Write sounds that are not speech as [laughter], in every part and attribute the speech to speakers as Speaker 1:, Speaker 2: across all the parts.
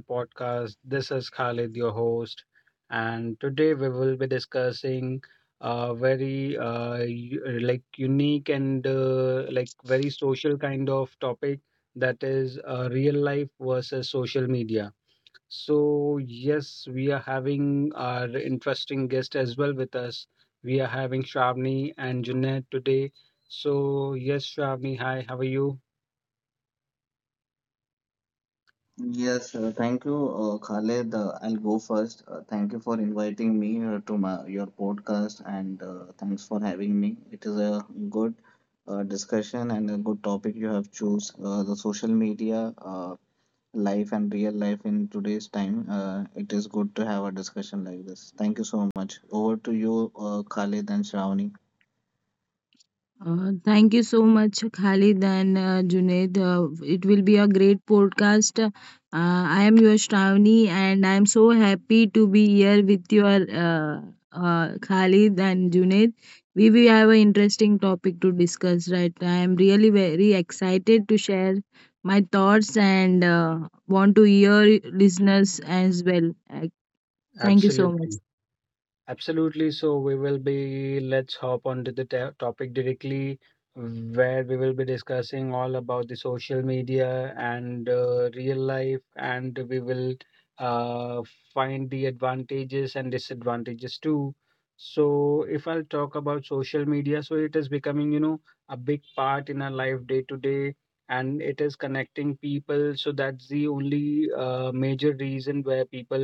Speaker 1: podcast. This is Khalid, your host, and today we will be discussing a very like unique and like very social kind of topic, that is real life versus social media. So yes, we are having our interesting guest as well with us. We are having Shravani and Junaid today. So yes, Shravani, hi, how are you?
Speaker 2: Yes, thank you, Khaled. I'll go first. Thank you for inviting me to your podcast and thanks for having me. It is a good discussion and a good topic you have chose. The social media life and real life in today's time. It is good to have a discussion like this. Thank you so much. Over to you, Khaled and Shravani.
Speaker 3: Thank you so much, Khalid and Junaid. It will be a great podcast. I am your Shravani, and I am so happy to be here with your uh, Khalid and Junaid. We will have an interesting topic to discuss, right? I am really very excited to share my thoughts and want to hear listeners as well. Thank you so much.
Speaker 1: Absolutely. Absolutely. So we will be, let's hop onto the topic directly, where we will be discussing all about the social media and real life, and we will uh, find the advantages and disadvantages too. So if I'll talk about social media, so it is becoming a big part in our life day to day, and it is connecting people. So that's the only major reason where people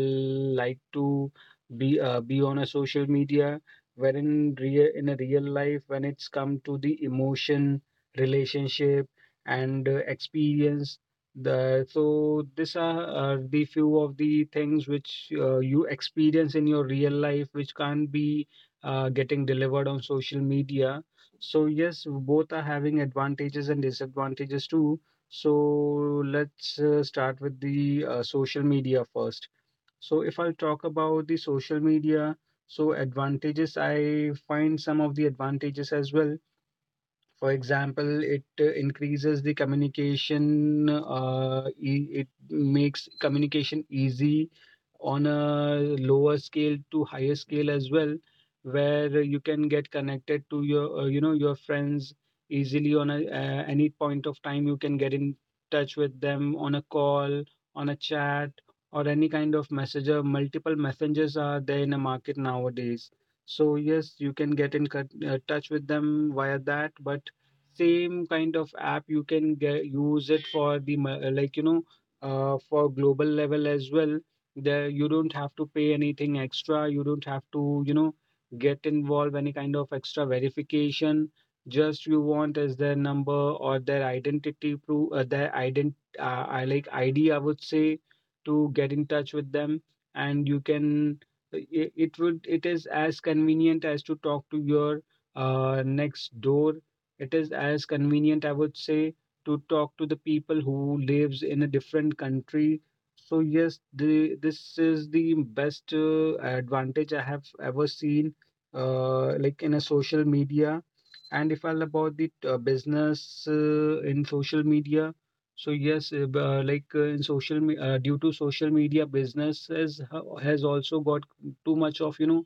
Speaker 1: like to be on a social media, wherein real in a real life, when it's come to the emotion, relationship and experience, the so these are the few of the things which you experience in your real life, which can't be getting delivered on social media. So yes, both are having advantages and disadvantages too. So let's start with the social media first. So if I'll talk about the social media, so advantages, I find some of the advantages as well. For example, it increases the communication, it makes communication easy on a lower scale to higher scale as well, where you can get connected to your friends easily on any point of time. You can get in touch with them on a call, on a chat, or any kind of messenger. Multiple messengers are there in the market nowadays. So yes, you can get in touch with them via that, but same kind of app you can use it for the like, you know for global level as well, there you don't have to pay anything extra, you don't have to, you know, get involved any kind of extra verification. Just you want is their number or their identity proof, their ident I, like, id, I would say, to get in touch with them. And you can it is as convenient as to talk to your next door. It is as convenient, I would say, to talk to the people who lives in a different country. So yes, this is the best advantage I have ever seen like in a social media. And if I'll about the business in social media, so yes, b- like in social me- due to social media, businesses has also got too much of, you know,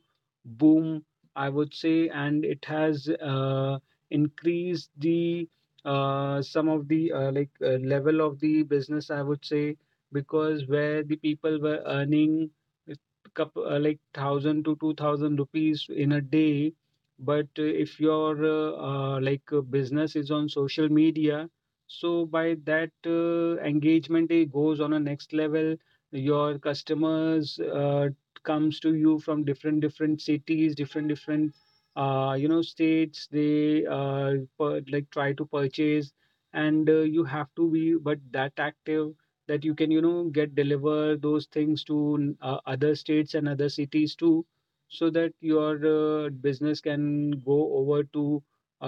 Speaker 1: boom, I would say, and it has increase the some of the like level of the business, I would say. Because where the people were earning a couple, like 1,000 to 2,000 rupees in a day, but if your business is on social media, so by that engagement, it goes on a next level. Your customers comes to you from different different cities, different different states. They like try to purchase, and you have to be but that active that you can, you know, get deliver those things to other states and other cities too, so that your business can go over to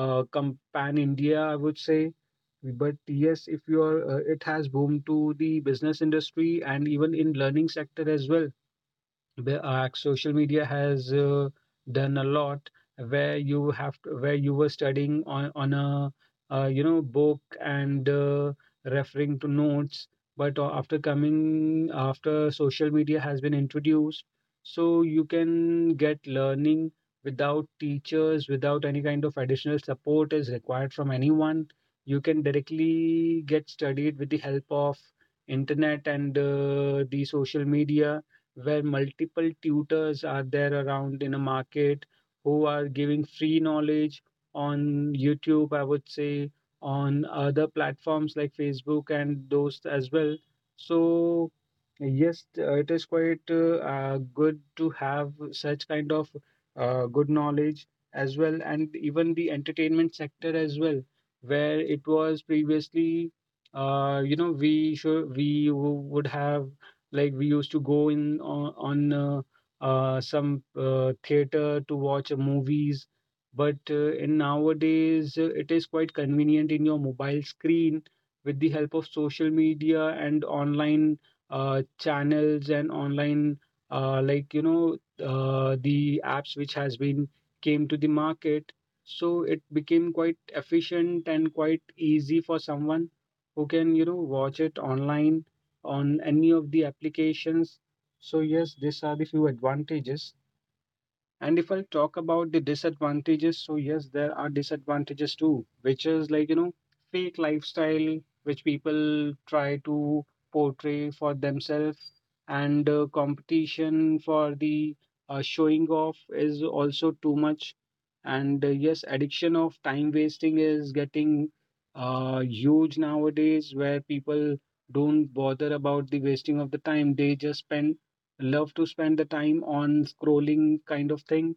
Speaker 1: pan India, I would say. But yes, if you are, it has boomed to the business industry. And even in learning sector as well, the social media has done a lot, where where you were studying on a book and referring to notes. But after social media has been introduced, so you can get learning without teachers, without any kind of additional support is required from anyone. You can directly get studied with the help of internet and the social media, where multiple tutors are there around in a market who are giving free knowledge on YouTube, I would say, on other platforms like Facebook and those as well. So, yes, it is quite good to have such kind of good knowledge as well. And even the entertainment sector as well, where it was previously, uh we should, would have, like we used to go in on some theater to watch movies. But in nowadays, it is quite convenient in your mobile screen with the help of social media and online channels and online like, the apps which has been came to the market. So it became quite efficient and quite easy for someone who can, you know, watch it online on any of the applications. So yes, these are the few advantages. And if I talk about the disadvantages, so yes, there are disadvantages too, which is like fake lifestyle, which people try to portray for themselves. And competition for the showing off is also too much. And yes, addiction of time wasting is getting huge nowadays, where people don't bother about the wasting of the time. They just spend love to spend the time on scrolling kind of thing.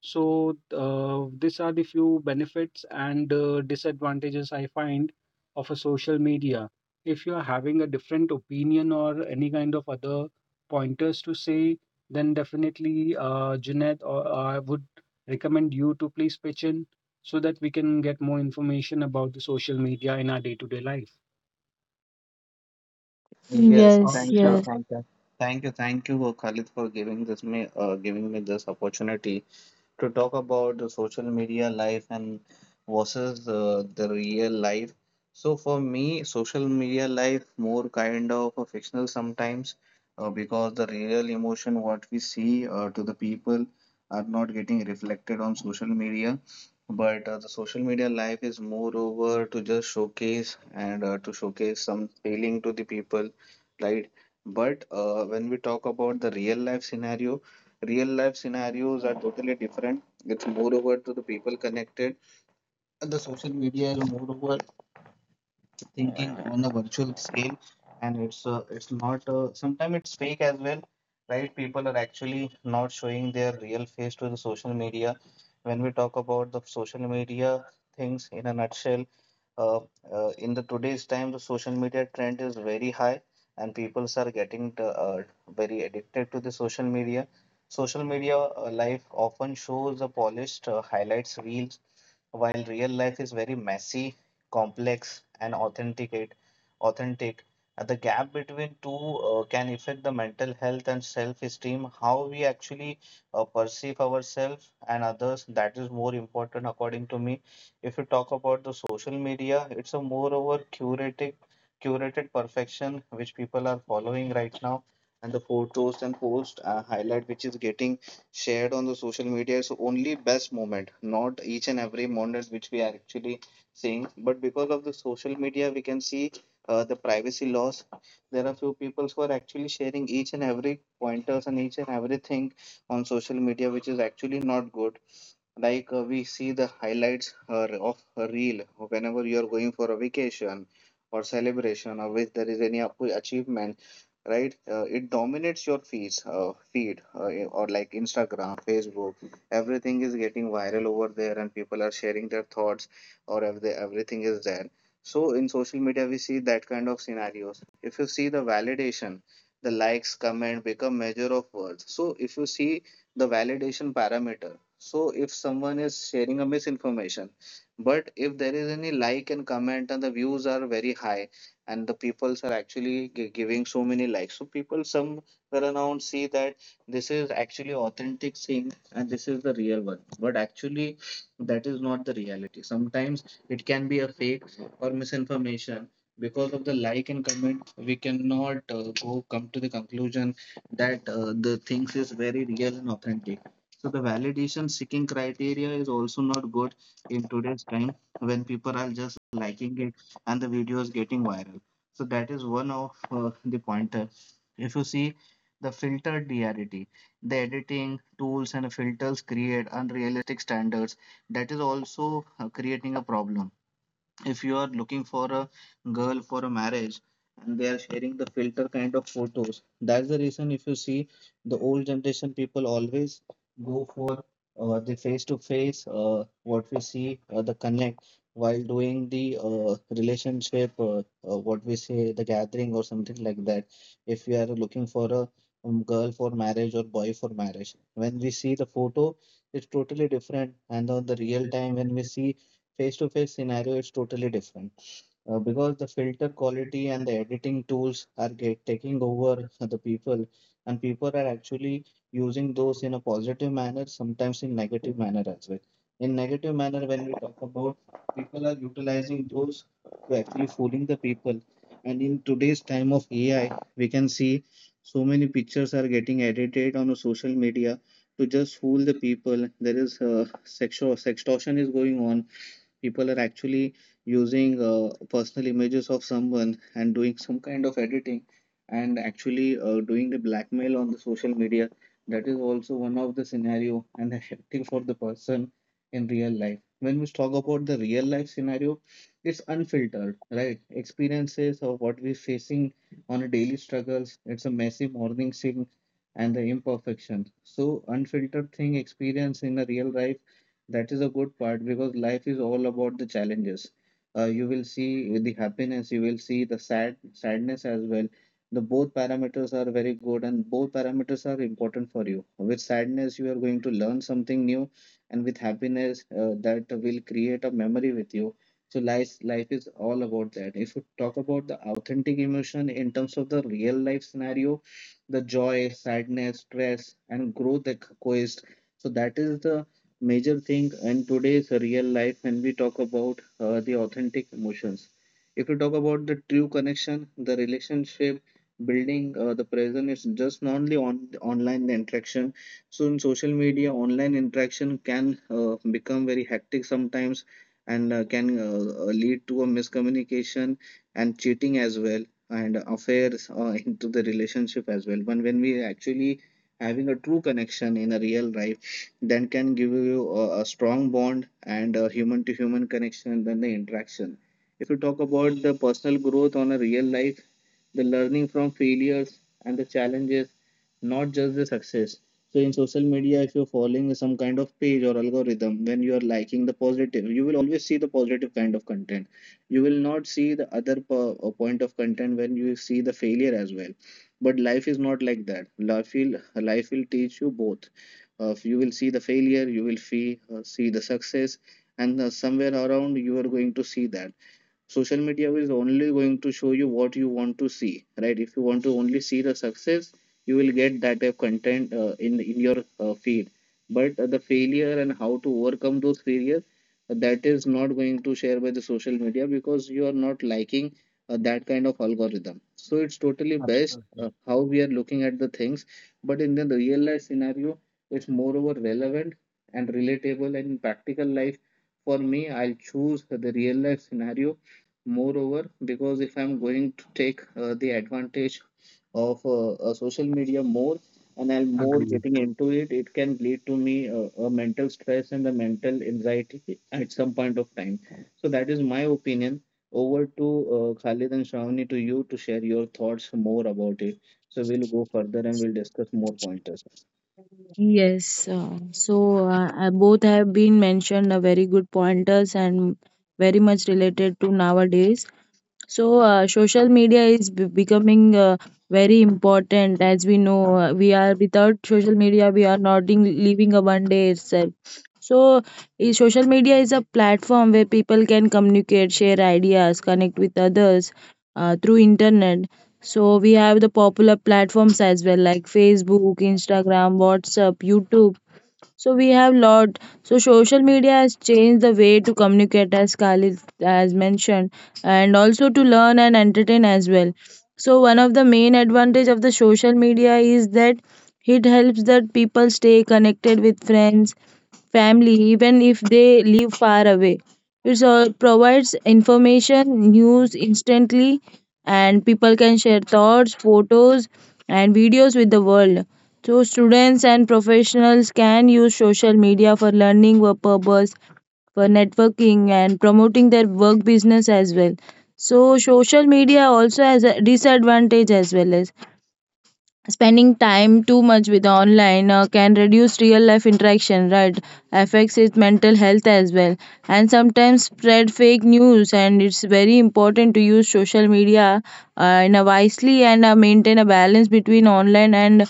Speaker 1: So these are the few benefits and disadvantages I find of a social media. If you are having a different opinion or any kind of other pointers to say, then definitely Junaid or I would recommend you to please pitch in, so that we can get more information about the social media in our day-to-day life.
Speaker 2: Yes,
Speaker 3: Yes,
Speaker 2: thank you,
Speaker 3: yes.
Speaker 1: Sure,
Speaker 2: thank you. Thank you, thank you, Khalid, for giving me this opportunity to talk about the social media life and versus the real life. So for me, social media life more kind of a fictional sometimes because the real emotion what we see to the people are not getting reflected on social media. But the social media life is moreover to just showcase and to showcase some feeling to the people, right? But when we talk about the real life scenario, real life scenarios are totally different. It's more over to the people connected. And the social media is more over thinking on a virtual scale, and it's not sometimes it's fake as well, right? People are actually not showing their real face to the social media. When we talk about the social media things in a nutshell, uh, in the today's time the social media trend is very high, and people are getting very addicted to the social media. Social media life often shows the polished highlights reels, while real life is very messy, complex, and authentic. The gap between two can affect the mental health and self-esteem. How we actually perceive ourselves and others, that is more important according to me. If you talk about the social media, it's a moreover curated perfection which people are following right now, and the photos and post highlight which is getting shared on the social media is only best moment, not each and every moment which we are actually saying. But because of the social media, we can see the privacy laws. There are few people who are actually sharing each and every pointers and each and everything on social media, which is actually not good. Like we see the highlights her of a reel whenever you are going for a vacation or celebration, or if there is any achievement, right? It dominates your feed, or like Instagram, Facebook, everything is getting viral over there, and people are sharing their thoughts, or if they, everything is there. So in social media, we see that kind of scenarios. If you see the validation, the likes comment become measure of worth. So if you see the validation parameter. So if someone is sharing a misinformation, but if there is any like and comment and the views are very high and the peoples are actually giving so many likes, so people somewhere around see that this is actually authentic thing and this is the real one. But actually, that is not the reality. Sometimes it can be a fake or misinformation. Because of the like and comment, we cannot go come to the conclusion that the things is very real and authentic. So the validation seeking criteria is also not good in today's time when people are just liking it and the video is getting viral. So that is one of the pointer. If you see the filtered reality, the editing tools and filters create unrealistic standards. That is also creating a problem. If you are looking for a girl for a marriage and they are sharing the filter kind of photos, that's the reason. If you see the old generation, people always go for the face to face, what we see, the connect while doing the relationship, what we say, the gathering or something like that. If you are looking for a girl for marriage or boy for marriage, when we see the photo, it's totally different, and on the real time, when we see face to face, scenario is totally different. Because the filter quality and the editing tools are taking over the people, and people are actually using those in a positive manner, sometimes in negative manner as well. In negative manner, when we talk about, people are utilizing those to actually fooling the people. And in today's time of AI, we can see so many pictures are getting edited on a social media to just fool the people. There is sexual sextortion is going on. People are actually using personal images of someone and doing some kind of editing and actually doing the blackmail on the social media. That is also one of the scenario and [laughs] affecting for the person in real life. When we talk about the real life scenario, it's unfiltered, right? Experiences of what we're facing on a daily struggles. It's a messy morning scene and the imperfection. So unfiltered thing experience in a real life, that is a good part, because life is all about the challenges. You will see the happiness, you will see the sadness as well. The both parameters are very good and both parameters are important for you. With sadness, you are going to learn something new, and with happiness, that will create a memory with you. So life is all about that. If you talk about the authentic emotion in terms of the real life scenario, the joy, sadness, stress, and growth that coexist. So that is the major thing in today's real life when we talk about the authentic emotions. If we talk about the true connection, the relationship building, the present is just not only on online interaction. So in social media, online interaction can become very hectic sometimes and can lead to a miscommunication and cheating as well and affairs [laughs] into the relationship as well. But when we actually having a true connection in a real life, then can give you a strong bond and a human to human connection than the interaction. If you talk about the personal growth on a real life, the learning from failures and the challenges, not just the success. So in social media, if you're following some kind of page or algorithm, when you are liking the positive, you will always see the positive kind of content. You will not see the other point of content when you see the failure as well. But life is not like that. Life will teach you both. You will see the failure, you will see the success, and somewhere around you are going to see that social media is only going to show you what you want to see, right? If you want to only see the success, you will get that type of content in your feed. But the failure and how to overcome those failures, that is not going to share by the social media because you are not liking that kind of algorithm. So it's totally best
Speaker 1: absolutely.
Speaker 2: how we are looking at the things. But in the real life scenario, it's moreover relevant and relatable and in practical life. For me, I'll choose the real life scenario moreover, because if I'm going to take the advantage of social media more and I'm more
Speaker 1: Agree.
Speaker 2: getting into it, it can lead to me a mental stress and a mental anxiety at some point of time. So that is my opinion. Over to Khalid and Shravani, to you to share your thoughts more about it. So we'll go further and we'll discuss more pointers.
Speaker 3: Yes, so both have been mentioned very good pointers and very much related to nowadays. So, social media is becoming very important as we know. We are, without social media, we are not in, living a one day itself. So, social media is a platform where people can communicate, share ideas, connect with others through internet. So, we have the popular platforms as well like Facebook, Instagram, WhatsApp, YouTube. So we have lot. So social media has changed the way to communicate, as Khalid has mentioned, and also to learn and entertain as well. So one of the main advantage of the social media is that it helps that people stay connected with friends, family, even if they live far away. It provides information, news instantly, and people can share thoughts, photos, and videos with the world. So students and professionals can use social media for learning work purpose, for networking and promoting their work business as well. So social media also has a disadvantage as well, as spending time too much with online can reduce real life interaction, right? Affects his mental health as well, and sometimes spread fake news, and it's very important to use social media in a wisely, and maintain a balance between online and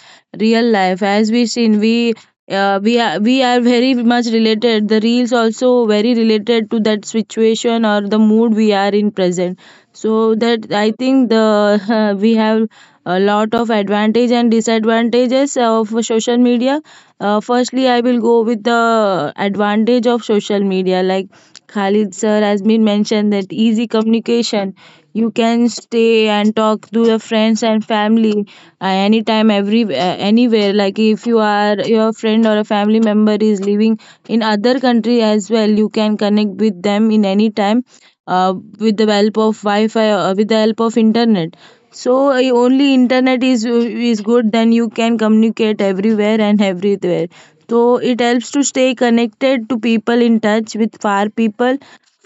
Speaker 3: real life. As we seen, we we are very much related, the reels also very related to that situation or the mood we are in present, so that I think the [laughs] we have a lot of advantage and disadvantages of social media. Firstly, I will go with the advantage of social media, like Khalid sir has been mentioned, that easy communication, you can stay and talk to your friends and family anytime, every anywhere, like if your friend or a family member is living in other country as well, you can connect with them in any time with the help of Wi-Fi or with the help of internet. So only internet is good, then you can communicate everywhere and everywhere. So it helps to stay connected to people, in touch with far people,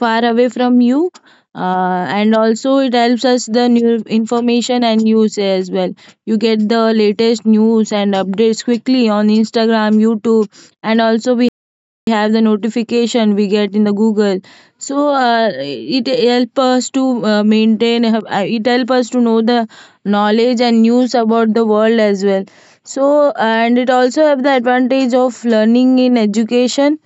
Speaker 3: far away from you, and also it helps us the new information and news as well. You get the latest news and updates quickly on Instagram, YouTube, and also we have the notification we get in the Google. So it help us to, maintain, it help us to know the knowledge and news about the world as well. So and it also have the advantage of learning in education.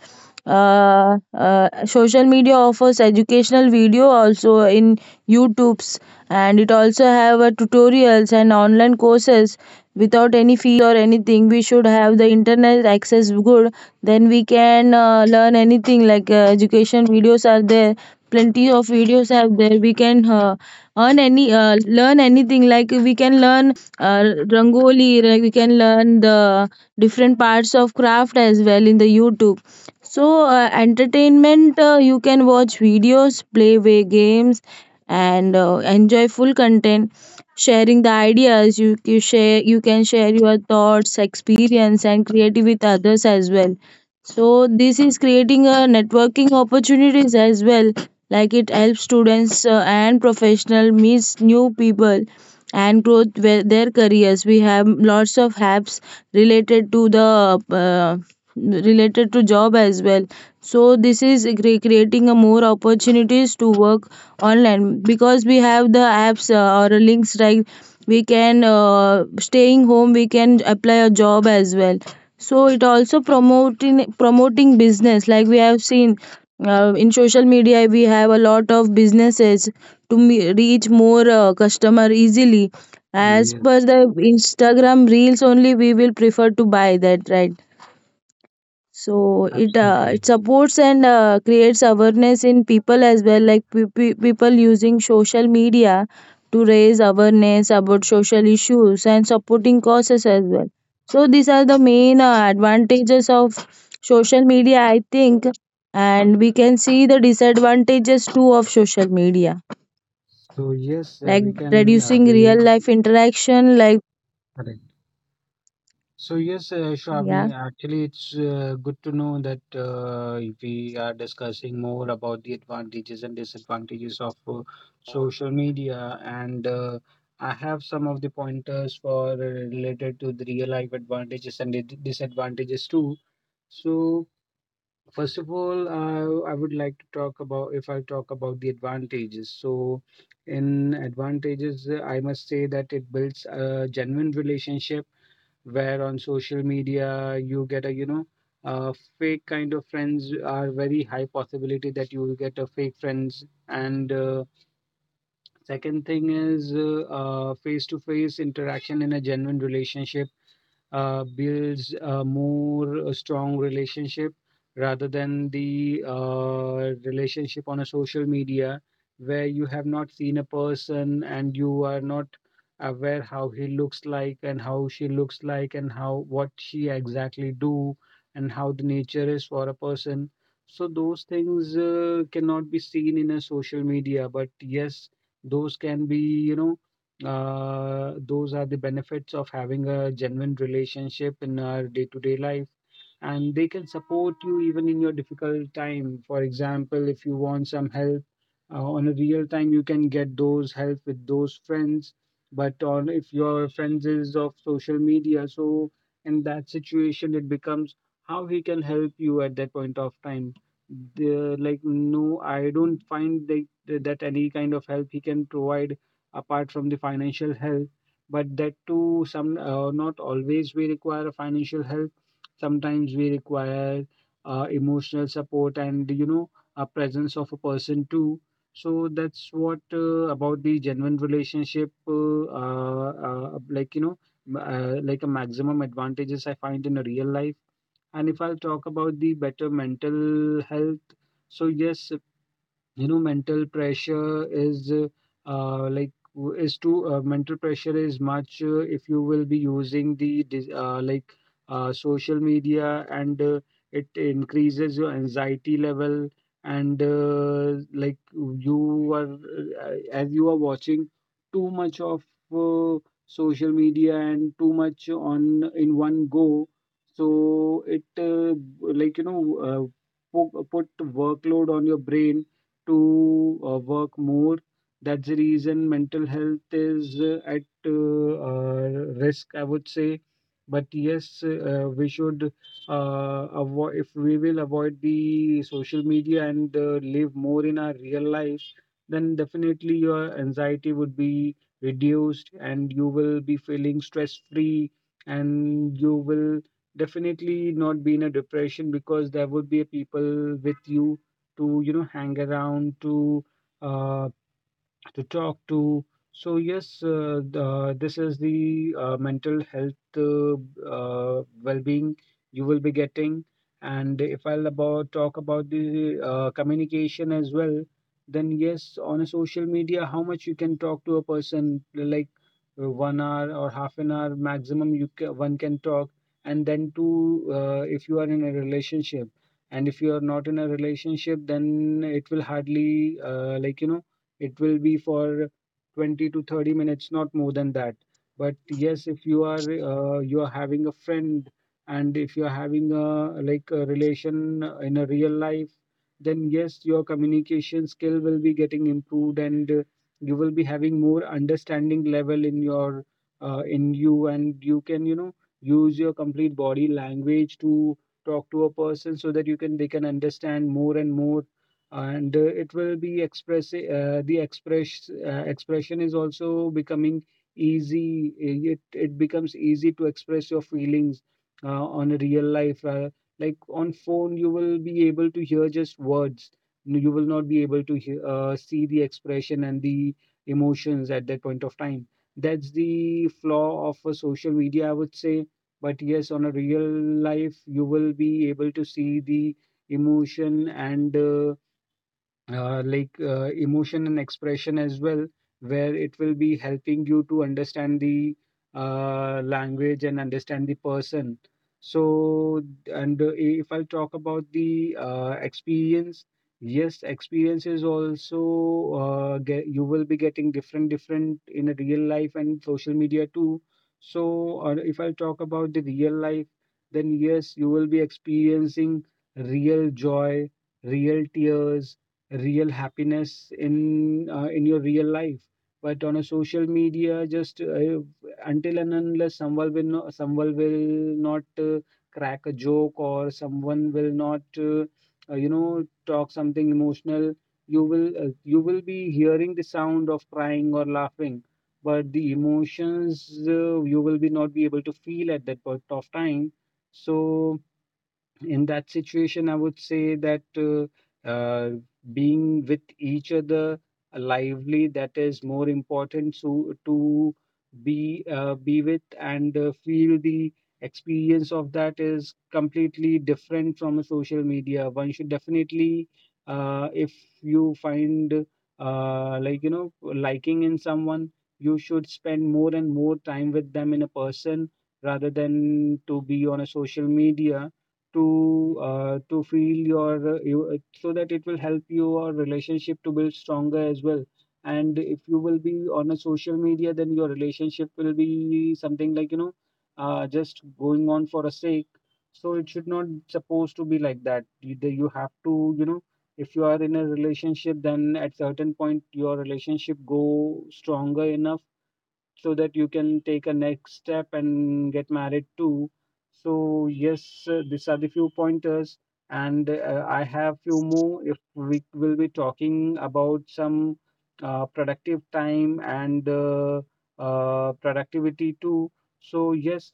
Speaker 3: Social media offers educational video also in YouTubes, and it also have tutorials and online courses without any fees or anything. We should have the internet access good, then we can learn anything, like education videos are there, plenty of videos are there, we can earn any learn anything, like we can learn uh, rangoli, like we can learn the different parts of craft as well in the YouTube. So, entertainment, you can watch videos, play way games, and enjoy full content. Sharing the ideas, you can share your thoughts, experience, and creative with others as well. So, this is creating a networking opportunities as well, like it helps students and professional meets new people and growth with their careers. We have lots of apps related to the related to job as well, so this is creating a more opportunities to work online, because we have the apps or links, like we can, staying home, we can apply a job as well. So it also promoting business, like we have seen in social media we have a lot of businesses to reach more customer easily. As
Speaker 1: Yes,
Speaker 3: per the Instagram reels only we will prefer to buy that, right? So it uh,
Speaker 1: absolutely.
Speaker 3: it supports and creates awareness in people as well, like people using social media to raise awareness about social issues and supporting causes as well. So these are the main advantages of social media, I think, and we can see the disadvantages too of social media,
Speaker 1: So yes,
Speaker 3: like
Speaker 1: we can
Speaker 3: reducing
Speaker 1: be
Speaker 3: real life interaction, like,
Speaker 1: correct. So yes,
Speaker 3: yeah.
Speaker 1: Shravani, actually it's good to know that we are discussing more about the advantages and disadvantages of social media, and I have some of the pointers for related to the real life advantages and disadvantages too. So first of all, I would like to talk about, if I talk about the advantages. So, in advantages, I must say that it builds a genuine relationship, where on social media you get auh, fake kind of friends, are very high possibility that you will get a fake friends. And second thing is, face-to-face interaction in a genuine relationship builds a more strong relationship, rather than the relationship on a social media, where you have not seen a person, and you are not aware how he looks like and how she looks like, and how what she exactly do and how the nature is for a person. So those things cannot be seen in a social media, but yes, those can be, you know, those are the benefits of having a genuine relationship in our day to day life. And they can support you even in your difficult time. For example, if you want some help on a real time, you can get those help with those friends. But on if your friends is of social media, so in that situation, it becomes how he can help you at that point of time. The, like No, I don't find like that, that any kind of help he can provide apart from the financial help, but that too, some not always we require financial help. Sometimes we require emotional support, and, you know, a presence of a person too. So that's what about the genuine relationship, like you know m- like a maximum advantages I find in a real life. And if I'll talk about the better mental health, so yes, you know, mental pressure is like w- is too mental pressure is much if you will be using the like social media. And it increases your anxiety level, and like, you are as you are watching too much of uh, social media, and too much on in one go, so it uh, like, you know, uh, put workload on your brain to work more. That's the reason mental health is at risk, I would say. But yes, we should avoid if we will avoid the social media and live more in our real life, then definitely your anxiety would be reduced and you will be feeling stress free, and you will definitely not be in a depression, because there would be people with you, to you know, hang around, to uh, to talk to. So yes, this is the mental health well-being you will be getting. And if I'll about talk about the communication as well, then yes, on a social media, how much you can talk to a person, like 1 hour or half an hour maximum, you ca one can talk. And then to if you are in a relationship, and if you are not in a relationship, then it will hardly like it will be for 20 to 30 minutes, not more than that. But yes, if you are having a friend, and if you are having a like a relation in a real life, then yes, your communication skill will be getting improved, and you will be having more understanding level in your in you and you can use your complete body language to talk to a person, so that you can they can understand more and more. And it will be express the express expression is also becoming easy, it becomes easy to express your feelings on a real life. Like on phone you will be able to hear just words, you will not be able to hear, see the expression and the emotions at that point of time. That's the flaw of a social media, I would say. But yes, on a real life you will be able to see the emotion and like emotion and expression as well, where it will be helping you to understand the language and understand the person. So, and if I talk about the experience, yes, experience is also you will be getting different, different in a real life and social media too. So, if I talk about the real life, then yes, you will be experiencing real joy, real tears, real happiness in your real life. But on a social media, just until and unless someone will not, someone will not crack a joke, or someone will not talk something emotional, you will be hearing the sound of crying or laughing, but the emotions you will be not be able to feel at that point of time. So in that situation, I would say that being with each other lively, that is more important, to be with and feel the experience of that is completely different from a social media. One should definitely, if you find like liking in someone, you should spend more and more time with them in a person, rather than to be on a social media to feel your so that it will help your relationship to build stronger as well. And if you will be on a social media, then your relationship will be something like just going on for a sake, so it should not supposed to be like that. You you have to, if you are in a relationship, then at certain point your relationship go stronger enough so that you can take a next step and get married too. So yes, these are the few pointers, and I have few more. If we will be talking about some productive time and productivity too. So yes,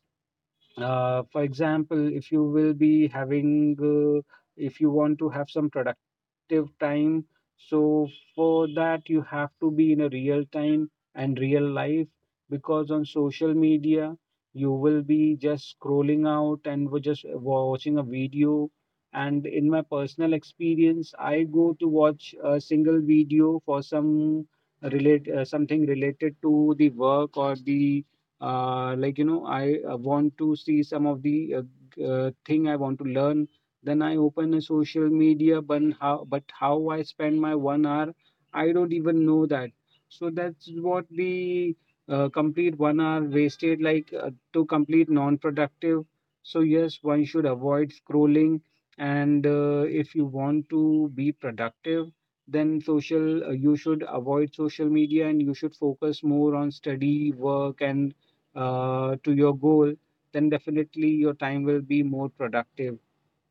Speaker 1: for example, if you will be having, if you want to have some productive time, so for that you have to be in a real time and real life, because on social media you will be just scrolling out, and we're just watching a video. And in my personal experience, I go to watch a single video for some relate something related to the work, or the like I want to see some of the thing I want to learn, then I open a social media. But how I spend my 1 hour, I don't even know that. So that's what the complete 1 hour wasted, like to complete non productive. So yes, one should avoid scrolling, and if you want to be productive, then social you should avoid social media and you should focus more on study, work, and to your goal, then definitely your time will be more productive.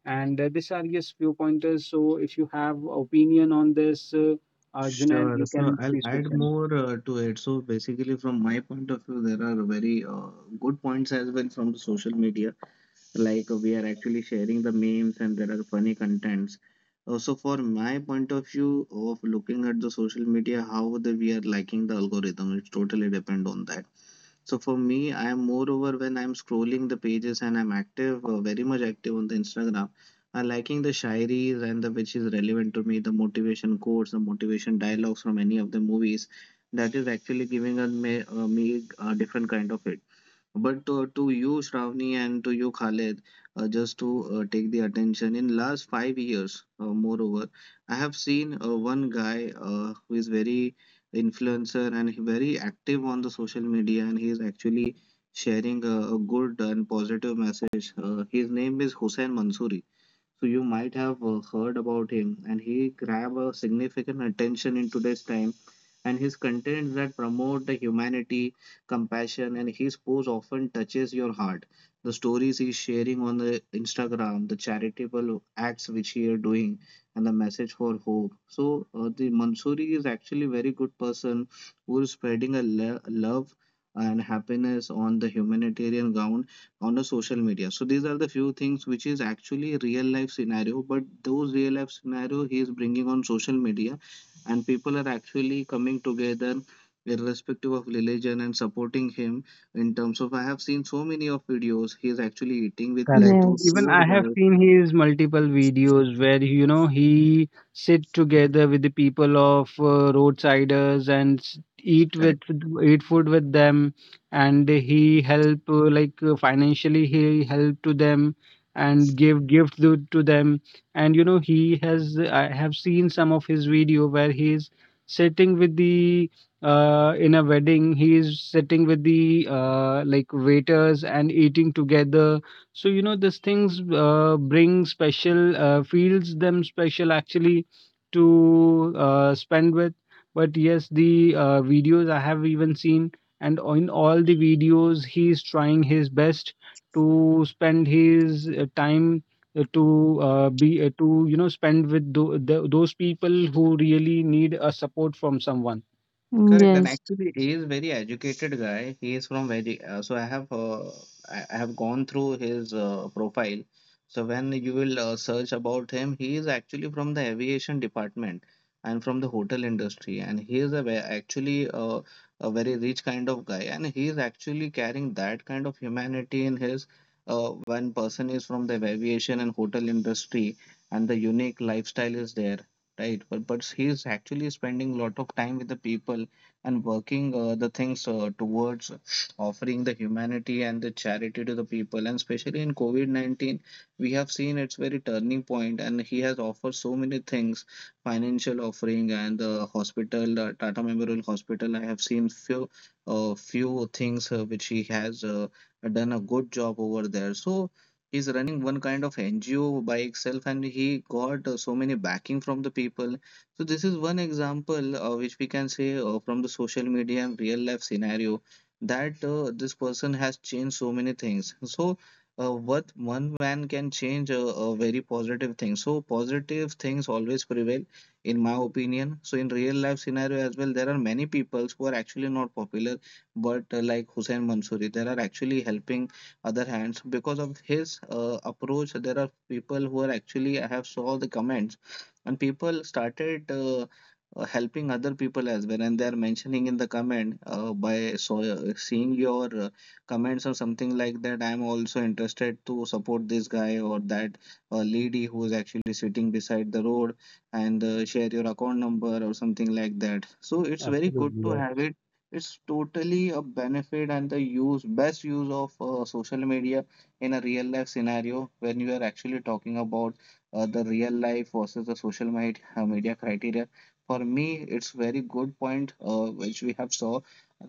Speaker 1: And these are just few pointers. So if you have opinion on this, Junaid,
Speaker 2: Sure.
Speaker 1: you
Speaker 2: So
Speaker 1: can
Speaker 2: I'll
Speaker 1: please
Speaker 2: add
Speaker 1: mention.
Speaker 2: more to it. So basically, from my point of view, there are very good points as well from social media, like we are actually sharing the memes and there are funny contents also. For my point of view of looking at the social media, how the we are liking the algorithm, it totally depend on that. So for me, I am moreover when I'm scrolling the pages and I'm very much active on the Instagram. I liking the shairis and the which is relevant to me, the motivation quotes, the motivation dialogues from any of the movies. That is actually me a different kind of it. But to you, Shravani, and to you, Khaled, just to take the attention, in last 5 years, moreover, I have seen one guy who is very influencer and he very active on the social media, and he is actually sharing a good and positive message. His name is Hussain Mansouri. So you might have heard about him, and he grab a significant attention in today's time. And his contents that promote the humanity, compassion, and his post often touches your heart. The stories he's sharing on the Instagram, the charitable acts which he are doing, and the message for hope. So the Mansuri is actually a very good person who is spreading a love and happiness on the humanitarian ground on the social media. So these are the few things which is actually real life scenario, but those real life scenario he is bringing on social media and people are actually coming together irrespective of religion and supporting him in terms of, I have seen so many of videos he is actually eating with this
Speaker 1: Correct.
Speaker 2: those
Speaker 3: Yes,
Speaker 1: Even
Speaker 2: poor
Speaker 1: I have
Speaker 2: guys,
Speaker 1: seen his multiple videos where he sit together with the people of roadsiders and eat with
Speaker 2: correct?
Speaker 1: eat food with them, and he help like financially he help to them and give gifts to them. And he has, I have seen some of his video where he is sitting with the in a wedding, he is sitting with the like waiters and eating together, so these things bring special, feels them special actually to spend with. But yes, the videos I have even seen, and in all the videos, he's trying his best to spend his time to be to spend with those people who really need a support from someone.
Speaker 2: Correct. And
Speaker 3: yes,
Speaker 2: actually, he is very educated guy. He is from very. So I have I have gone through his profile. So when you will search about him, he is actually from the aviation department and from the hotel industry, and he is a actually a very rich kind of guy, and he is actually carrying that kind of humanity in his. When person is from the aviation and hotel industry, and the unique lifestyle is there, right? But he is actually spending a lot of time with the people and working the things towards offering the humanity and the charity to the people. And especially in COVID 19, we have seen its very turning point, and he has offered so many things, financial offering and the hospital, Tata Memorial Hospital. I have seen few. Few things which he has done a good job over there. So he's running one kind of NGO by itself, and he got so many backing from the people, so this is one example which we can say from the social media and real life scenario that this person has changed so many things. What one man can change a very positive thing. So positive things always prevail, in my opinion. So in real life scenario as well, there are many people who are actually not popular, but like Hussein Mansoori, there are actually helping other hands because of his approach. There are people who are actually, I have saw the comments and people started helping other people as well and they are mentioning in the comment by so seeing your comments or something like that, I am also interested to support this guy or that lady who is actually sitting beside the road and share your account number or something like that. So it's very good
Speaker 1: Absolutely,
Speaker 2: to have
Speaker 1: yes.
Speaker 2: it, it's totally a benefit and the use, best use of social media in a real life scenario when you are actually talking about the real life versus the social media criteria. For me, it's very good point which we have saw.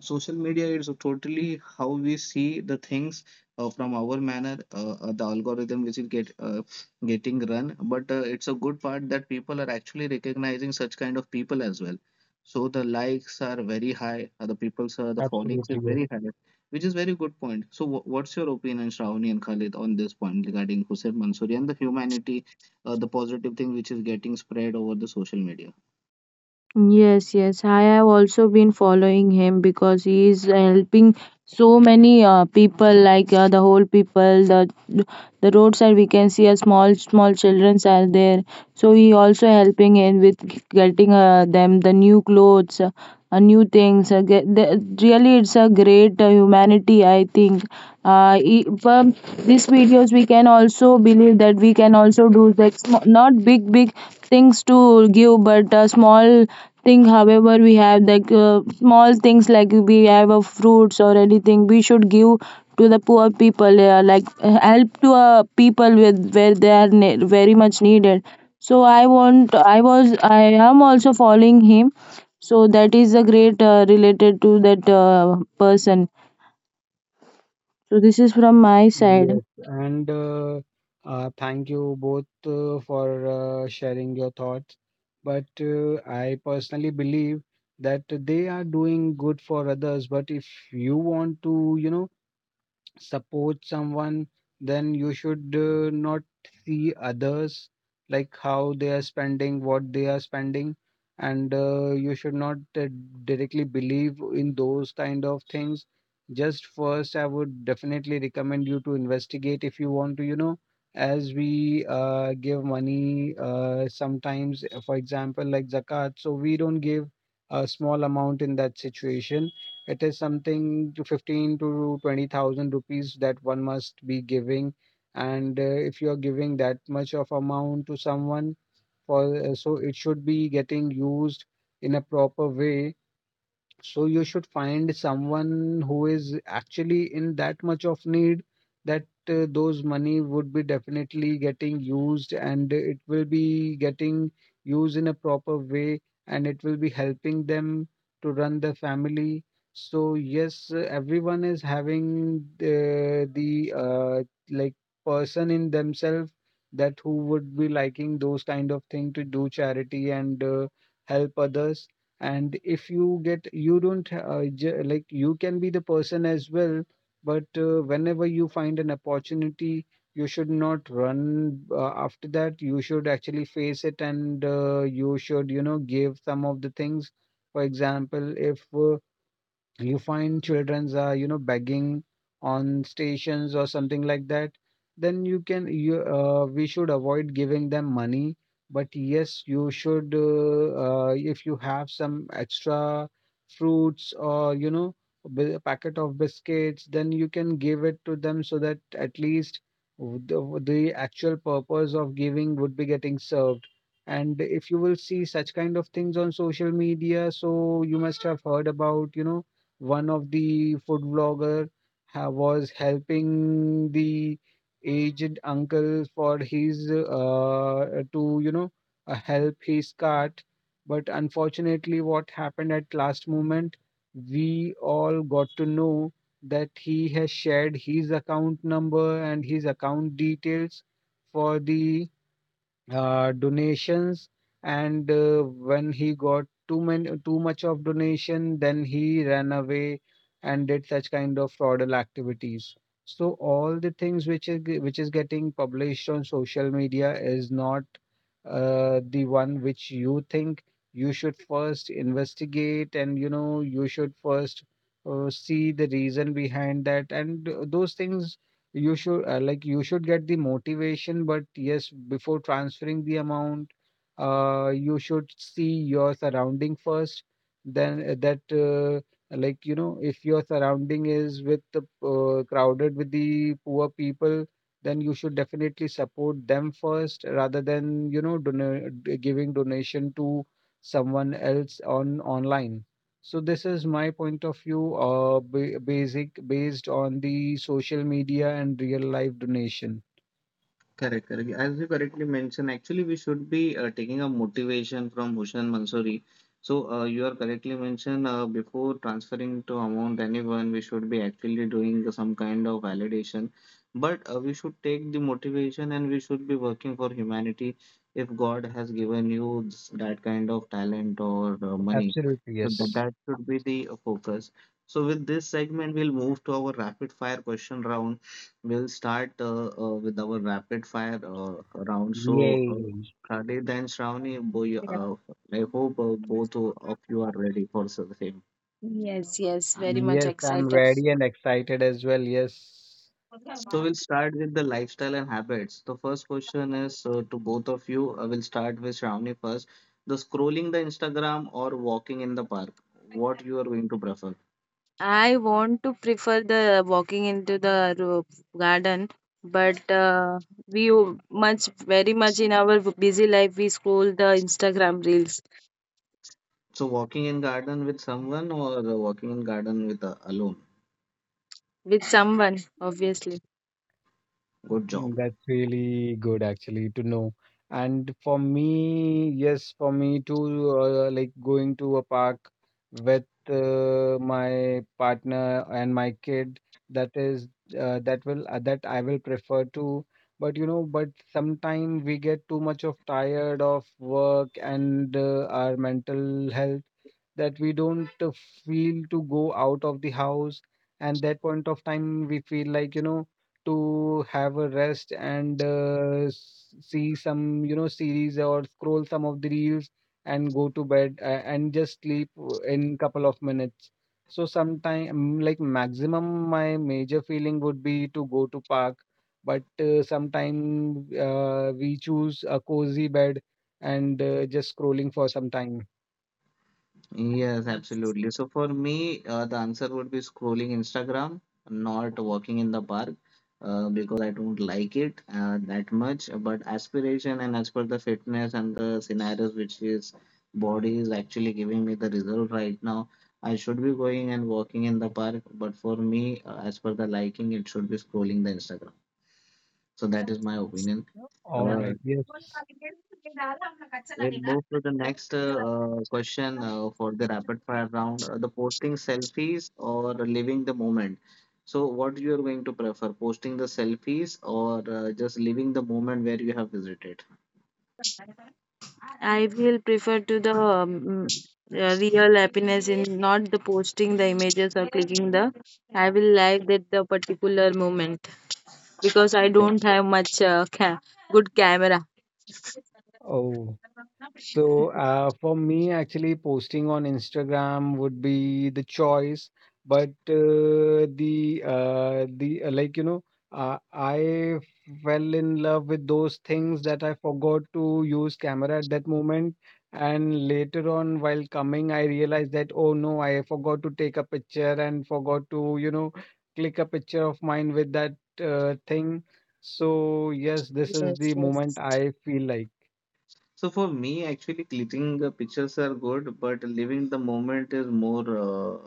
Speaker 2: Social media is totally how we see the things from our manner, the algorithm which is get getting run. But it's a good part that people are actually recognizing such kind of people as well. So the likes are very high, the people's the followings
Speaker 1: Absolutely,
Speaker 2: is
Speaker 1: yes.
Speaker 2: very high, which is very good point. So what's your opinion, Shravani and Khalid, on this point regarding Hussein Mansoori and the humanity? The positive thing which is getting spread over the social media.
Speaker 3: yes, yes. I have also been following him because he is helping so many people, like the whole people, the roadside. We can see a small, small childrens are there, so he also helping in with getting them the new clothes, new things, really it's a great humanity, I think. From these videos we can also believe that we can also do, like, not big big things to give, but a small thing however we have, like small things, like we have a fruits or anything, we should give to the poor people, like help to people with where they are very much needed. So I want I was I am also following him, so that is a great related to that person. So this is from my side.
Speaker 1: Yes, and thank you both for sharing your thoughts. But I personally believe that they are doing good for others. But if you want to, support someone, then you should not see others like how they are spending, what they are spending, and you should not directly believe in those kind of things. Just first, I would definitely recommend you to investigate. If you want to, as we give money sometimes, for example, like zakat, so we don't give a small amount, in that situation it is something to 15 to 20,000 rupees that one must be giving. And if you are giving that much of amount to someone, for so it should be getting used in a proper way, so you should find someone who is actually in that much of need, that those money would be definitely getting used, and it will be getting used in a proper way, and it will be helping them to run the family. So yes, everyone is having the like person in themselves, that who would be liking those kind of thing to do charity and help others. And if you get, you don't like, you can be the person as well. But whenever you find an opportunity, you should not run after that, you should actually face it. And you should give some of the things. For example, if you find children's are begging on stations or something like that, then you can, you we should avoid giving them money. But yes, you should if you have some extra fruits or a packet of biscuits, then you can give it to them, so that at least the actual purpose of giving would be getting served. And if you will see such kind of things on social media, so you must have heard about, you know, one of the food vlogger was helping the aged uncle for his to help his cart. But unfortunately, what happened, at last moment we all got to know that he has shared his account number and his account details for the donations. And when he got too much of donation, then he ran away and did such kind of fraudulent activities. So all the things which is which is getting published on social media is not the one which you think, you should first investigate. And you should first see the reason behind that. And those things you should like, you should get the motivation. But yes, before transferring the amount, you should see your surrounding first, then that like if your surrounding is with the crowded with the poor people, then you should definitely support them first, rather than, you know, giving donation to someone else on online. So this is my point of view, basic based on the social media and real life donation.
Speaker 2: Correct, correct. As you correctly mentioned, actually, we should be taking a motivation from Hushan Mansuri. So, you are correctly mentioned before transferring to amount anyone, we should be actually doing some kind of validation. But we should take the motivation and we should be working for humanity if God has given you that kind of talent or money.
Speaker 1: Absolutely,
Speaker 2: So, that,
Speaker 1: yes.
Speaker 2: that should be the focus. So, with this segment, we'll move to our rapid fire question round. We'll start with our rapid fire round. So,
Speaker 1: Yay.
Speaker 2: Khalid and Shravani, boy,
Speaker 3: Yeah.
Speaker 2: I hope both of you are ready for the same.
Speaker 3: Yes, yes, very much
Speaker 1: Yes, I'm
Speaker 3: excited.
Speaker 1: ready
Speaker 3: So
Speaker 1: and excited as well. Yes.
Speaker 2: So, we'll start with the lifestyle and habits. The first question is to both of you. I will start with Shravani first. The scrolling the Instagram or walking in the park, what you are going to prefer?
Speaker 3: I want to prefer the walking into the ro- garden, but we o- much very much in our busy life we scroll the Instagram reels
Speaker 2: So, walking in garden with someone or walking in garden with alone?
Speaker 3: with someone, obviously.
Speaker 2: Good job.
Speaker 1: Mm, that's really good actually to know. And for me, yes, for me too, like going to a park with my partner and my kid, that is that will that I will prefer to. But sometimes we get too much of tired of work and our mental health that we don't feel to go out of the house, and that point of time we feel like to have a rest and see some series or scroll some of the reels and go to bed, and just sleep in couple of minutes. So sometime like maximum my major feeling would be to go to park, but sometime we choose a cozy bed and just scrolling for some time.
Speaker 2: Yes, absolutely. So for me, the answer would be scrolling Instagram, not walking in the park, because I don't like it that much. But aspiration and as per the fitness and the scenarios which is body is actually giving me the result right now, I should be going and walking in the park. But for me, as per the liking, it should be scrolling the Instagram. So that is my opinion.
Speaker 1: All
Speaker 2: Uh,
Speaker 1: right. Yes.
Speaker 2: We'll move to the next question for the rapid fire round. The posting selfies or living the moment. So, what you are going to prefer, posting the selfies or just living the moment where you have visited?
Speaker 3: I will prefer to the real happiness in not the posting the images or clicking the. I will like that the particular moment because I
Speaker 2: Okay.
Speaker 3: don't have much good camera.
Speaker 1: Oh, So for me, actually, posting on Instagram would be the choice, but the like I fell in love with those things that I forgot to use camera at that moment, and later on, while coming, I realized that oh no, I forgot to take a picture and forgot to click a picture of mine with that thing. So yes, this is the moment I feel like.
Speaker 2: So for me, actually, clicking the pictures are good, but living the moment is more,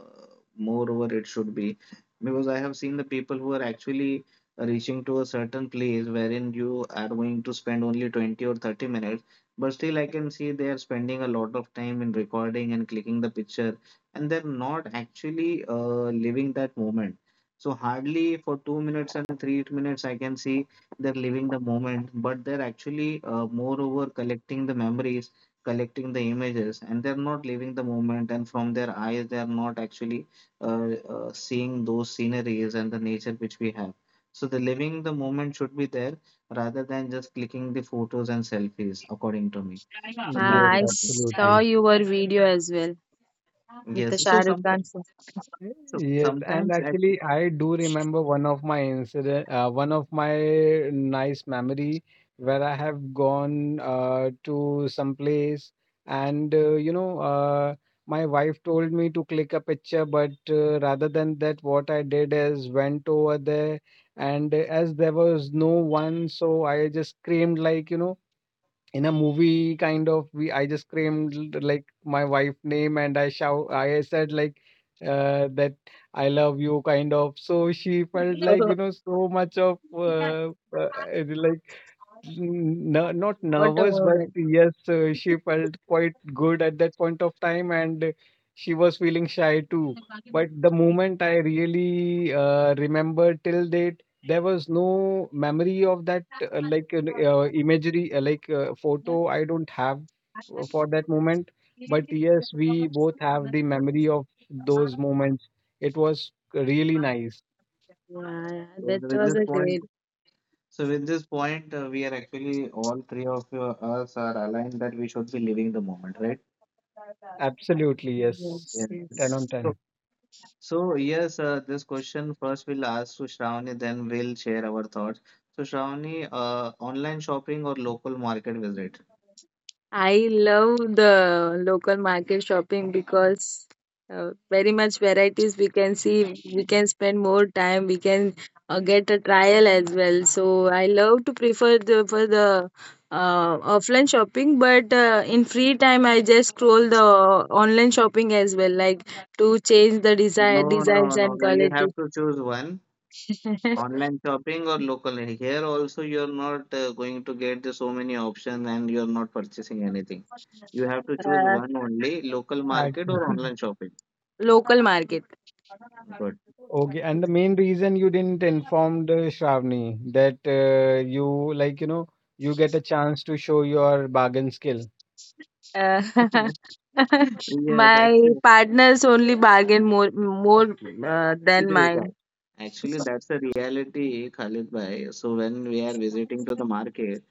Speaker 2: moreover it should be, because I have seen the people who are actually reaching to a certain place wherein you are going to spend only 20 or 30 minutes, but still I can see they are spending a lot of time in recording and clicking the picture, and they're not actually living that moment. So hardly for 2 minutes and 3 minutes, I can see they're living the moment, but they're actually, moreover, collecting the memories, collecting the images, and they're not living the moment. And from their eyes, they're not actually seeing those sceneries and the nature which we have. So the living the moment should be there rather than just clicking the photos and selfies, according to me. So that
Speaker 1: Yes,
Speaker 3: Ah,
Speaker 2: is
Speaker 3: I saw
Speaker 2: it.
Speaker 1: absolutely.
Speaker 3: your video as well with the
Speaker 2: Yes.
Speaker 3: Shah
Speaker 2: So
Speaker 3: Rukh
Speaker 2: sometimes,
Speaker 3: Khan song.
Speaker 1: Yes, and
Speaker 2: at
Speaker 1: actually, I do remember one of my incident, one of my nice memory where I have gone to some place, and my wife told me to click a picture, but rather than that, what I did is went over there, and as there was no one, so I just screamed like, in a movie kind of we I just screamed like my wife name and I said like that I love you kind of, so she felt like
Speaker 3: [laughs]
Speaker 1: so much of uh, no, not
Speaker 3: What a
Speaker 1: nervous, but
Speaker 3: moment!
Speaker 1: yes, she felt quite good at that point of time, and she was feeling shy too. But the moment I really remember till date, there was no memory of that, like an, imagery, like photo. I don't have for that moment. But yes, we both have the memory of those moments. It was really nice.
Speaker 3: Yeah, yeah, that
Speaker 2: with
Speaker 3: was
Speaker 2: this
Speaker 3: a
Speaker 2: point.
Speaker 3: great.
Speaker 2: So with this point, we are actually all three of you, us are aligned that we should be living the moment, right?
Speaker 1: Absolutely, yes.
Speaker 3: Yes,
Speaker 2: Yeah.
Speaker 1: 10
Speaker 3: yes.
Speaker 1: on
Speaker 2: So,
Speaker 1: 10.
Speaker 2: so, yes, this question first we'll ask to Shravani, then we'll share our thoughts. So Shravani, online shopping or local market visit?
Speaker 3: I love the local market shopping because very much varieties we can see. We can spend more time. We can get a trial as well. So I love to prefer the, for the offline shopping. But in free time, I just scroll the online shopping as well, like to change the
Speaker 2: No,
Speaker 3: designs
Speaker 2: no, no,
Speaker 3: and
Speaker 2: no. You
Speaker 3: quality.
Speaker 2: have to choose one.
Speaker 3: [laughs]
Speaker 2: Online shopping or local. Here also you're not going to get the so many options and you're not purchasing anything. You have to choose
Speaker 3: uh,
Speaker 2: one only, local market or
Speaker 1: Actually.
Speaker 2: online shopping.
Speaker 3: Local market.
Speaker 2: Good.
Speaker 1: Okay, and the main reason you didn't inform the Shravani that you like, you get a chance to show your bargain skill.
Speaker 3: Uh, [laughs]
Speaker 2: Yes,
Speaker 3: my
Speaker 2: actually,
Speaker 3: partner's only bargain more than
Speaker 2: actually
Speaker 3: mine.
Speaker 2: that actually that's a reality, Khalid bhai. So when we are visiting to the market,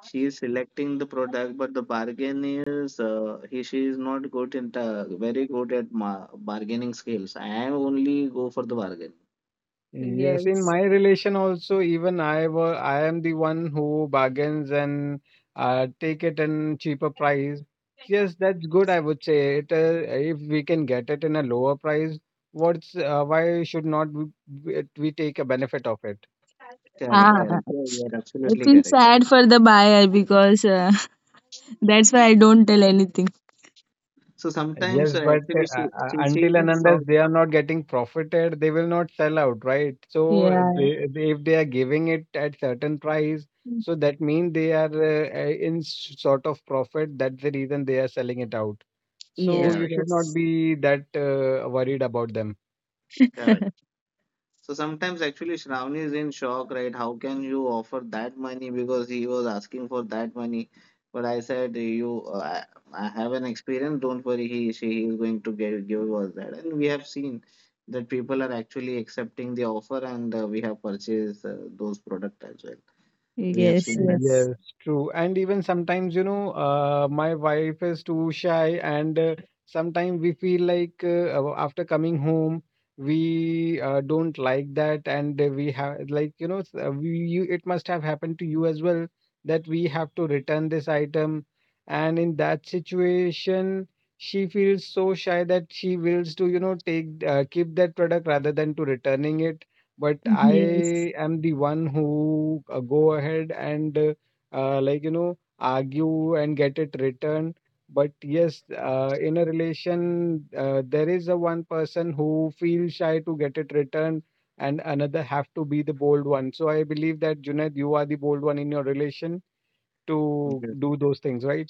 Speaker 2: she is selecting the product, but the bargain is he she is not good in the very good at ma bargaining skills. I only go for the bargain.
Speaker 1: Yes, in
Speaker 3: Yes.
Speaker 1: my relation also, even I am the one who bargains and take it in cheaper price. Yes, that's good, I would say it. If we can get it in a lower price, what's why should not we, we take a benefit of it?
Speaker 2: Correct,
Speaker 3: Ah,
Speaker 2: correct. Yeah, you are
Speaker 3: I
Speaker 2: absolutely
Speaker 3: feel
Speaker 2: correct.
Speaker 3: sad for the buyer because [laughs] that's why I don't tell anything.
Speaker 2: So sometimes
Speaker 1: Yes, but
Speaker 2: actually she she she is
Speaker 1: until and
Speaker 2: in
Speaker 1: unless
Speaker 2: shock.
Speaker 1: they are not getting profited, they will not sell out, right? So uh,
Speaker 3: Yeah.
Speaker 2: Correct,
Speaker 1: they, they if they are giving it at certain price, so that means they are in sort of profit. That's the reason they are selling it out. So
Speaker 3: Yes.
Speaker 1: you
Speaker 2: correct,
Speaker 1: should not
Speaker 3: Yes.
Speaker 1: be that worried about them.
Speaker 3: [laughs]
Speaker 2: correct. So sometimes actually Shravani is in shock, right? How can you offer that money? Because he was asking for that money. But I said, you, I have an experience. Don't worry, she is going to give us that. And we have seen that people are actually accepting the offer, and we have purchased those products as well. We have
Speaker 3: Yes.
Speaker 2: seen that.
Speaker 3: Yes.
Speaker 1: Yes, true. And even sometimes, my wife is too shy, and sometimes we feel like after coming home, we don't like that, and we have like it must have happened to you as well, that we have to return this item, and in that situation, she feels so shy that she wills to take keep that product rather than to returning it. But
Speaker 3: Yes.
Speaker 1: I am the one who go ahead and like argue and get it returned. But yes, in a relation, there is a one person who feels shy to get it returned, and another have to be the bold one. So I believe that Junaid, you are the bold one in your relation to
Speaker 2: Yes.
Speaker 1: do those things, right?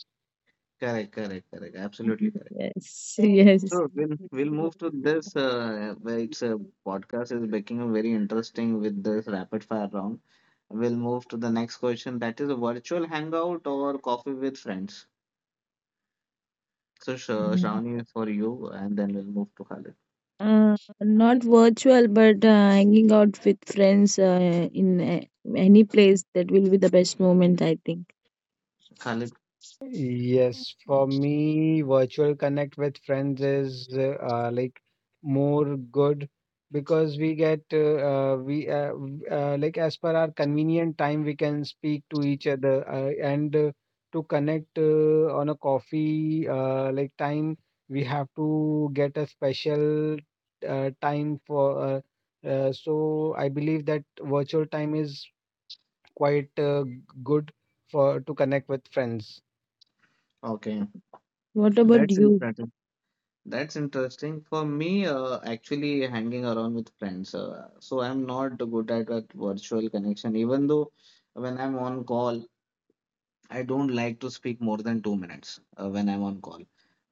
Speaker 2: Correct, correct, correct. Absolutely correct.
Speaker 3: Yes. Yes.
Speaker 2: Sure, we'll move to this. Where it's a podcast is becoming very interesting with this rapid fire round. We'll move to the next question. That is a virtual hangout or coffee with friends. So Sh
Speaker 3: [laughs]
Speaker 2: Shravani is for you, and then we'll move to Khalid.
Speaker 3: Uh, Not virtual, but hanging out with friends in any place that will be the best moment, I think.
Speaker 2: Khalid,
Speaker 1: Yes, for me, virtual connect with friends is like more good, because we get like as per our convenient time we can speak to each other, and to connect on a coffee like time we have to get a special time for so I believe that virtual time is quite good for to connect with friends.
Speaker 2: okay,
Speaker 3: What about
Speaker 2: that's
Speaker 3: you?
Speaker 2: interesting. That's interesting. For me, actually hanging around with friends. So I'm not good at that virtual connection, even though when I'm on call. I don't like to speak more than 2 minutes when I'm on call,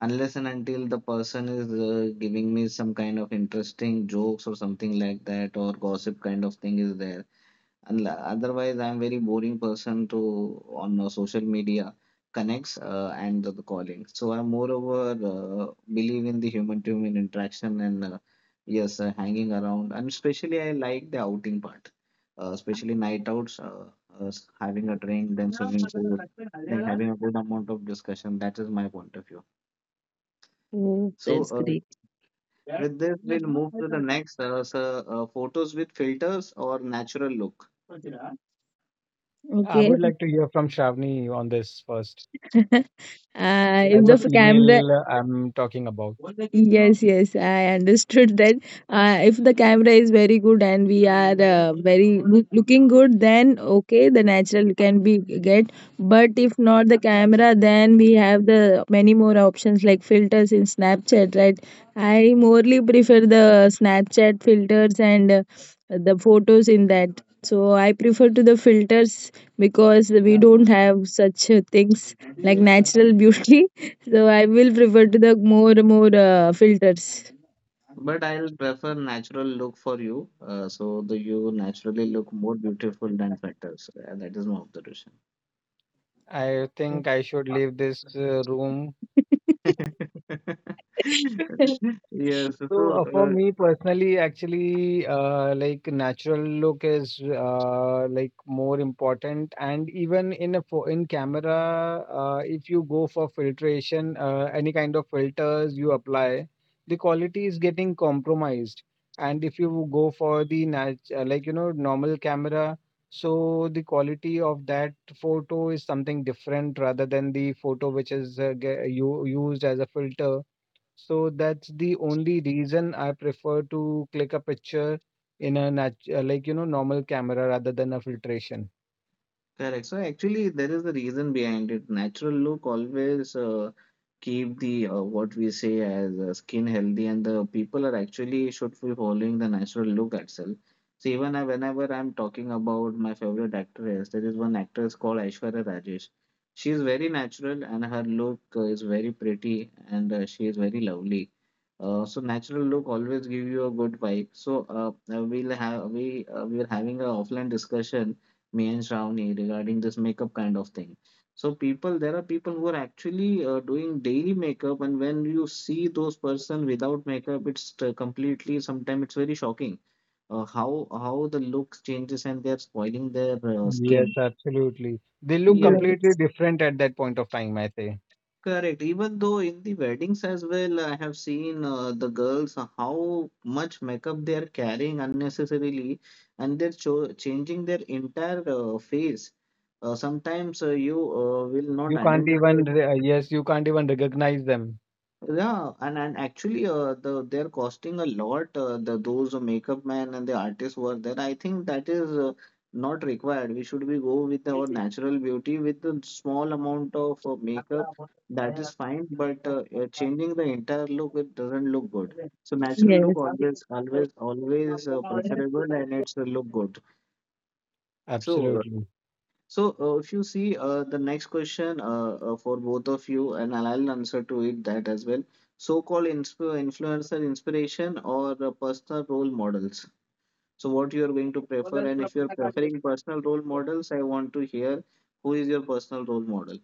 Speaker 2: unless and until the person is giving me some kind of interesting jokes or something like that, or gossip kind of thing is there. And otherwise, I'm very boring person to on social media connects and the calling. So I moreover believe in the human-to-human interaction and yes, hanging around. And especially I like the outing part, especially night outs, having a drink, then swimming pool, then having a good amount of discussion. That is my point of view.
Speaker 3: Oh,
Speaker 2: So
Speaker 3: that's great.
Speaker 2: with this, we'll move to the next. Photos with filters or natural look.
Speaker 1: I
Speaker 3: Okay.
Speaker 1: would like to
Speaker 3: [laughs]
Speaker 1: hear from Shravani on this first.
Speaker 3: uh, if
Speaker 1: As a
Speaker 3: the camera.
Speaker 1: female, I'm talking about.
Speaker 3: Yes, yes, I understood that. If the camera is very good and we are very good, looking good, then okay, the natural can be get. But if not the camera, then we have the many more options like filters in Snapchat, right? I morely prefer the Snapchat filters and the photos in that. So I prefer to the filters because we don't have such things like natural beauty, so I will prefer to the more filters.
Speaker 2: But I'll prefer natural look for you, so the you naturally look more beautiful than filters. That is my observation.
Speaker 1: I think I should leave this room.
Speaker 2: [laughs]
Speaker 3: [laughs]
Speaker 1: [laughs]
Speaker 2: Yes,
Speaker 1: So, uh, for me personally, actually, like natural look is like more important, and even in a in camera, if you go for filtration, any kind of filters you apply, the quality is getting compromised. And if you go for the nat like normal camera, so the quality of that photo is something different rather than the photo which is used as a filter. So that's the only reason I prefer to click a picture in a nat like normal camera rather than a filtration.
Speaker 2: correct. So actually, there is a reason behind it. Natural look always keep the what we say as skin healthy, and the people are actually should be following the natural look itself. So even I, whenever I'm talking about my favorite actress, there is one actress called Aishwarya Rajesh. She is very natural, and her look is very pretty, and she is very lovely. So natural look always give you a good vibe. So we'll have we are having a offline discussion me and Shravani regarding this makeup kind of thing. So people, there are people who are actually doing daily makeup, and when you see those person without makeup, it's completely. Sometimes it's very shocking, how the looks changes and they're spoiling their
Speaker 1: Yes,
Speaker 2: skin.
Speaker 1: absolutely. They look completely
Speaker 3: Yes,
Speaker 1: different at that point of time, I say.
Speaker 2: Correct. Even though in the weddings as well, I have seen the girls how much makeup they are carrying unnecessarily, and they're cho changing their entire face. Sometimes you will not
Speaker 1: You can't
Speaker 2: identify,
Speaker 1: even yes, you can't even recognize them.
Speaker 2: yeah, and actually, they're costing a lot. The those makeup men and the artists were there. I think that is not required. We should be go with our natural beauty with a small amount of makeup. That is fine, but changing the entire look, it doesn't look good. So natural look
Speaker 3: yes.
Speaker 2: always, always, always preferable, and it's look good. So uh,
Speaker 1: Absolutely.
Speaker 2: so if you see the next question for both of you, and I'll answer to it that as well. So-called insp influencer inspiration or personal role models. So, what you are going to prefer, and if you're preferring personal role models, I want to hear who is your personal role model.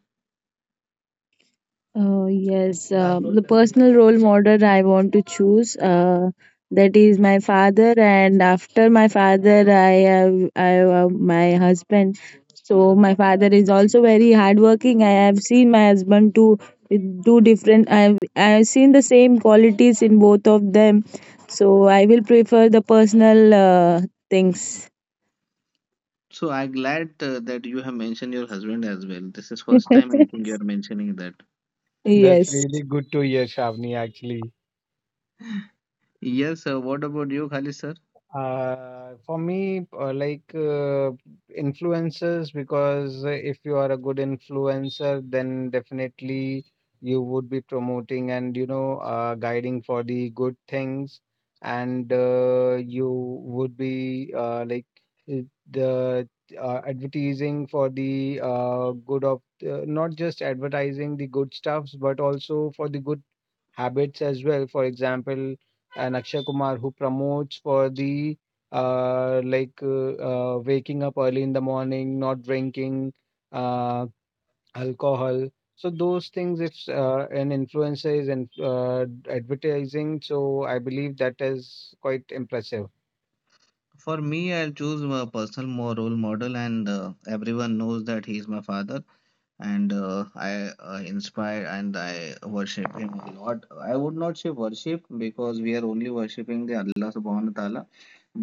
Speaker 3: Oh, yes. The personal role model I want to choose, that is my father, and after my father, I have my husband. So my father is also very hardworking. I have seen my husband do different. I've seen the same qualities in both of them. So I will prefer the personal things.
Speaker 2: So, I'm glad that you have mentioned your husband as well. This is first time I
Speaker 3: [laughs]
Speaker 2: think you are mentioning that.
Speaker 1: That's
Speaker 3: Yes.
Speaker 1: really good to hear, Shavni, actually.
Speaker 2: Yes, what about you, Khalid sir?
Speaker 1: For me, like influencers, because if you are a good influencer, then definitely you would be promoting and guiding for the good things, and you would be like uh, the advertising for the good of not just advertising the good stuffs, but also for the good habits as well. For example, an Akshay Kumar who promotes for the like waking up early in the morning, not drinking uh, alcohol. So those things, if an influencer is in, advertising, so I believe that is quite impressive.
Speaker 2: For me, I'll choose a personal role model, and everyone knows that he is my father, and I inspire and I worship him a lot. I would not say worship because we are only worshipping the Allah subhanahu wa ta'ala,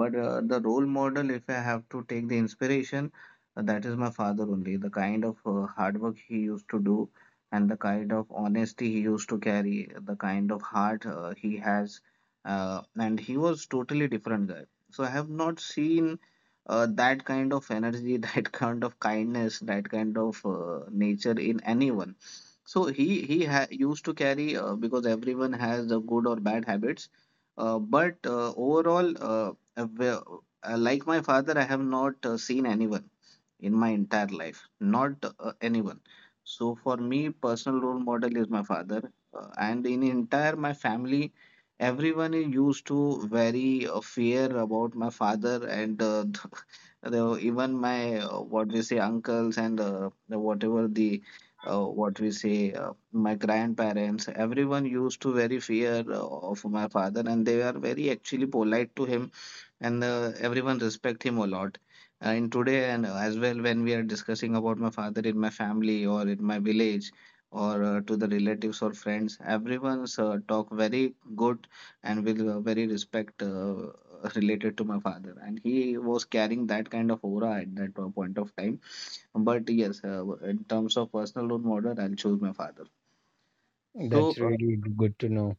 Speaker 2: but the role model, if I have to take the inspiration, that is my father only. The kind of hard work he used to do, and the kind of honesty he used to carry, the kind of heart he has, and he was totally different guy. So I have not seen that kind of energy, [laughs] that kind of kindness, that kind of nature in anyone. So he ha used to carry because everyone has the good or bad habits. But overall, well, like my father, I have not seen anyone in my entire life, not anyone. So for me, personal role model is my father, and in entire my family, everyone is used to very fear about my father, and [laughs] the, even my what we say uncles and the, whatever the what we say my grandparents. Everyone used to very fear of my father, and they are very actually polite to him, and everyone respect him a lot in today, and as well when we are discussing about my father in my family or in my village or to the relatives or friends, everyone's talk very good and with very respect related to my father, and he was carrying that kind of aura at that point of time. But yes, in terms of personal role model, I'll choose my father.
Speaker 1: That's
Speaker 2: so uh,
Speaker 1: really good to know.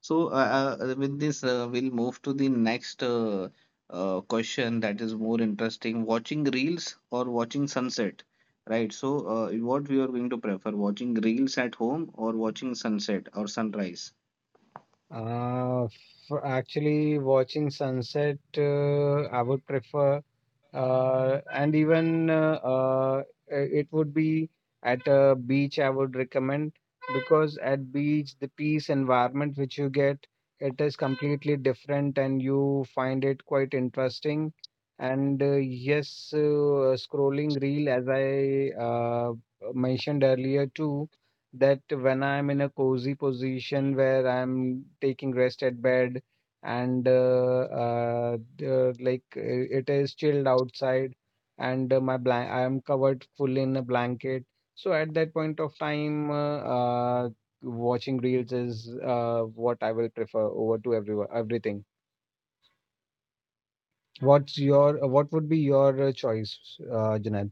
Speaker 2: so, uh, uh, with this, we'll move to the next question that is more interesting. Watching reels or watching sunset, right? So, what we are going to prefer, watching reels at home or watching sunset or sunrise?
Speaker 1: Uh, for actually watching sunset, I would prefer. And even it would be at a beach, I would recommend, because at beach the peace environment which you get, it is completely different and you find it quite interesting. And yes, scrolling reel, as I mentioned earlier too, that when I'm in a cozy position where I'm taking rest at bed, and like it is chilled outside, and my blank I am covered full in a blanket, so at that point of time watching reels is what I will prefer over to everyone everything. What's your what would be your choice, Junaid?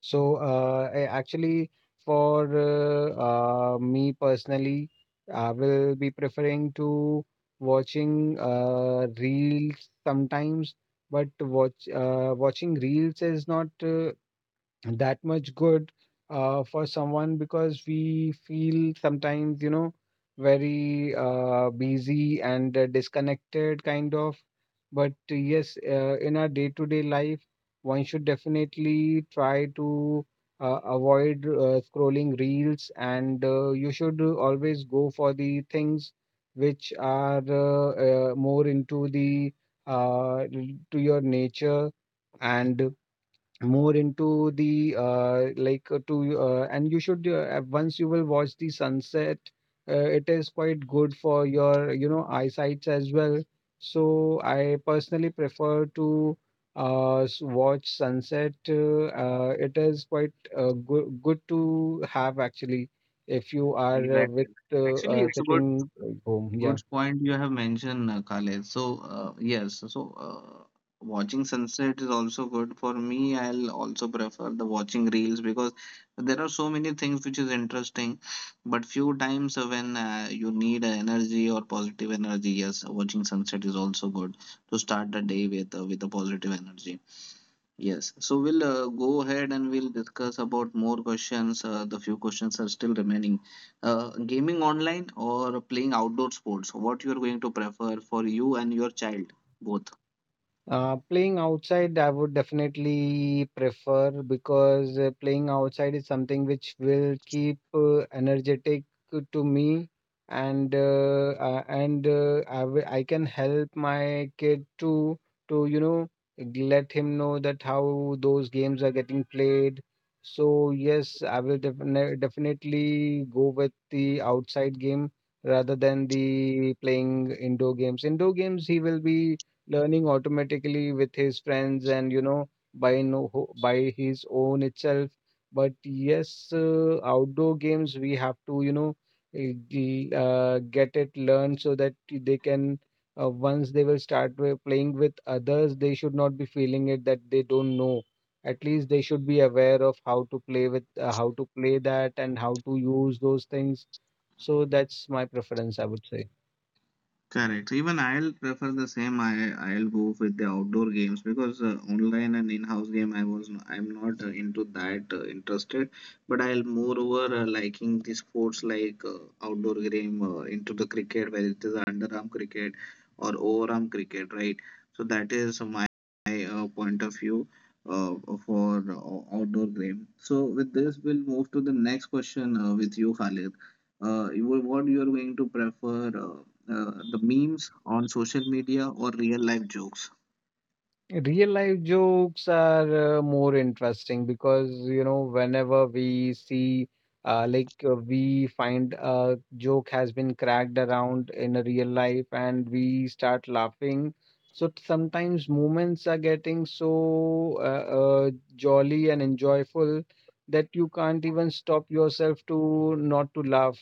Speaker 1: So, actually, for me personally, I will be preferring to watching reels sometimes, but watching reels is not that much good for someone, because we feel sometimes, very busy and disconnected, kind of. But yes, in our day-to-day life, one should definitely try to avoid scrolling reels, and you should always go for the things which are more into the uh, to your nature, and more into the like to and you should once you will watch the sunset, it is quite good for your eyesights as well. So I personally prefer to watch sunset. It is quite good to have, actually, if you are
Speaker 2: Exactly.
Speaker 1: with
Speaker 2: Actually, it's a
Speaker 1: sitting at home. Yeah.
Speaker 2: good point you have mentioned, Khaled. So, yes, watching sunset is also good for me. I'll also prefer the watching reels because there are so many things which is interesting, but few times when you need energy or positive energy, yes, watching sunset is also good to start the day with with a positive energy. Yes, so we'll go ahead and we'll discuss about more questions. The few questions are still remaining. Gaming online or playing outdoor sports, what you're going to prefer for you and your child both?
Speaker 1: Playing outside, I would definitely prefer, because playing outside is something which will keep energetic to me, and I I can help my kid to to you know let him know that how those games are getting played. So yes, I will definitely go with the outside game rather than the playing indoor games. Indoor games, he will be learning automatically with his friends, and by no ho- by his own itself. But yes, outdoor games we have to get it learned, so that they can once they will start playing with others, they should not be feeling it that they don't know. At least they should be aware of how to play with how to play that and how to use those things. So that's my preference, I would say.
Speaker 2: Correct. Even I'll prefer the same. I'll go with the outdoor games because online and in-house game I'm not into that interested. But I'll moreover liking the sports like outdoor game into the cricket, whether it is underarm cricket or overarm cricket, right? So that is my point of view uh, for outdoor game. So with this, we'll move to the next question with you, Khalid. What you are going to prefer? The memes on social media or real life jokes?
Speaker 1: Real life jokes are more interesting, because, whenever we see, like, we find a joke has been cracked around in a real life and we start laughing. So sometimes moments are getting so jolly and enjoyable that you can't even stop yourself to not to laugh.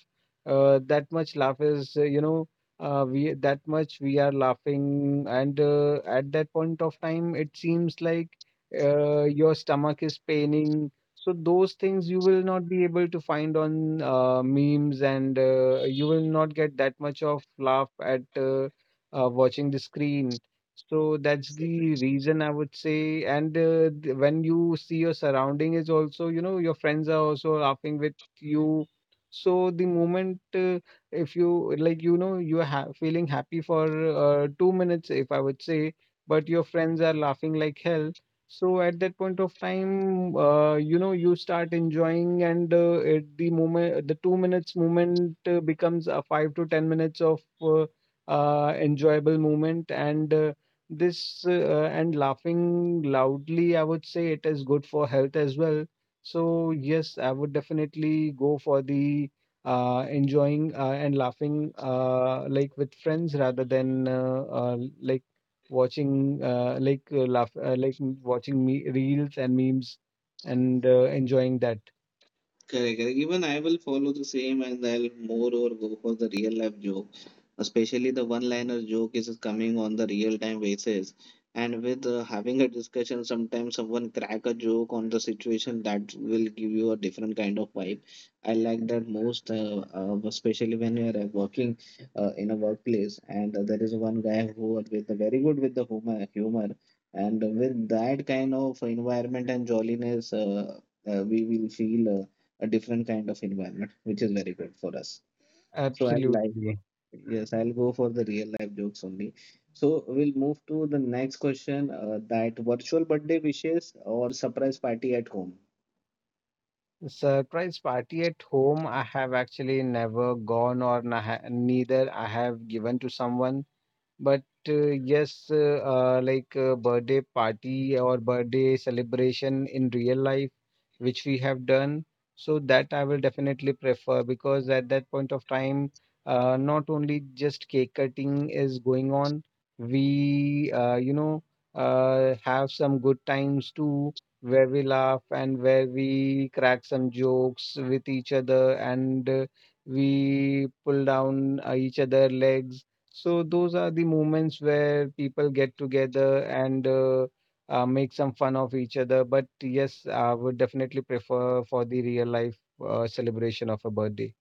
Speaker 1: That much laugh is, we that much we are laughing, and at that point of time it seems like your stomach is paining. So those things you will not be able to find on memes, and you will not get that much of laugh at watching the screen. So that's the reason I would say. And when you see your surrounding is also, your friends are also laughing with you, so the moment if you like you are feeling happy for 2 minutes if I would say, but your friends are laughing like hell, so at that point of time, you start enjoying, and the moment the 2 minutes moment becomes a 5 to 10 minutes of uh, enjoyable moment. And this and laughing loudly, I would say it is good for health as well. So yes, I would definitely go for the enjoying and laughing like with friends, rather than like watching like watching me reels and memes, and enjoying that.
Speaker 2: Correct, correct. Even I will follow the same, and I'll more or go for the real life joke. Especially the one liner joke is coming on the real time basis. And with having a discussion, sometimes someone crack a joke on the situation that will give you a different kind of vibe. I like that most, especially when you are working in a workplace, and there is one guy who are with the very good with the humor, humor. And with that kind of environment and jolliness, we will feel a different kind of environment, which is very good for us. So I'll like,
Speaker 1: Absolutely.
Speaker 2: yes, I'll go for the real life jokes only. So we'll move to the next question, that virtual birthday wishes or surprise party at home.
Speaker 1: Surprise party at home, I have actually never gone, or neither I have given to someone. But yes, like birthday party or birthday celebration in real life, which we have done, so that I will definitely prefer, because at that point of time, not only just cake cutting is going on, we have some good times too, where we laugh and where we crack some jokes with each other, and we pull down each other legs. So those are the moments where people get together and make some fun of each other. But yes, I would definitely prefer for the real life celebration of a birthday.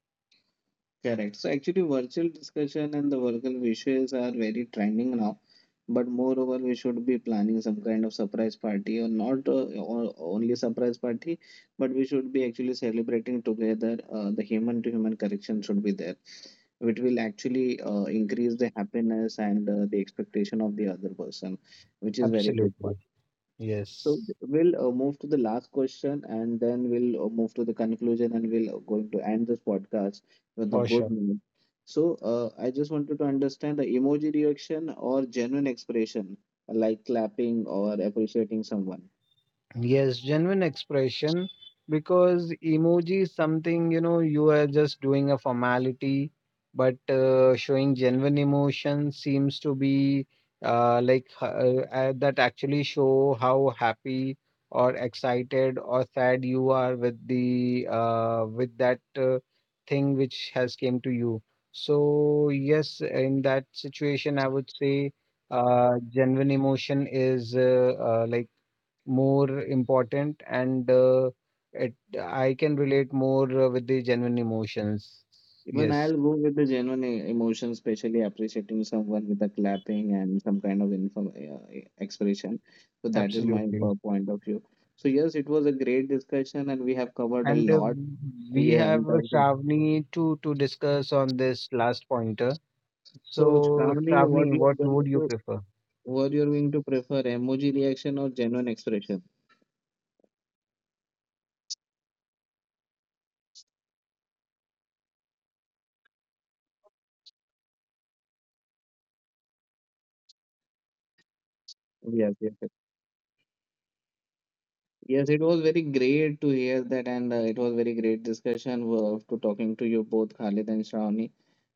Speaker 2: Correct. So actually, virtual discussion and the virtual wishes are very trending now. But moreover, we should be planning some kind of surprise party, or not or only surprise party, but we should be actually celebrating together. The human-to-human connection should be there, which will actually increase the happiness and the expectation of the other person, which is very good.
Speaker 1: Absolutely.
Speaker 2: So
Speaker 1: Yes,
Speaker 2: we'll move to the last question, and then we'll move to the conclusion, and we'll going to end this podcast with a
Speaker 1: for
Speaker 2: good
Speaker 1: sure.
Speaker 2: note. So I just wanted to understand the emoji reaction or genuine expression like clapping or appreciating someone.
Speaker 1: Yes, genuine expression, because emoji is something you are just doing a formality, but showing genuine emotion seems to be uh, like uh, that actually show how happy or excited or sad you are with the with that thing which has came to you. So yes, in that situation, I would say genuine emotion is like more important, and it I can relate more with the genuine emotions.
Speaker 2: Even
Speaker 1: Yes,
Speaker 2: I'll go with the genuine emotion, especially appreciating someone with the clapping and some kind of expression. So that is my
Speaker 1: absolutely.
Speaker 2: point of view. So yes, it was a great discussion, and we have covered a
Speaker 1: And
Speaker 2: lot
Speaker 1: we
Speaker 2: here
Speaker 1: have
Speaker 2: in terms of.
Speaker 1: Shravani to discuss on this last pointer.
Speaker 2: So,
Speaker 1: So,
Speaker 2: Shravani,
Speaker 1: Shravani, what would you prefer?
Speaker 2: what you're going to prefer, emoji reaction or genuine expression? Yes, yes, yes. Yes, it was very great to hear that, and it was very great discussion to talking to you both, Khalid and Shravani,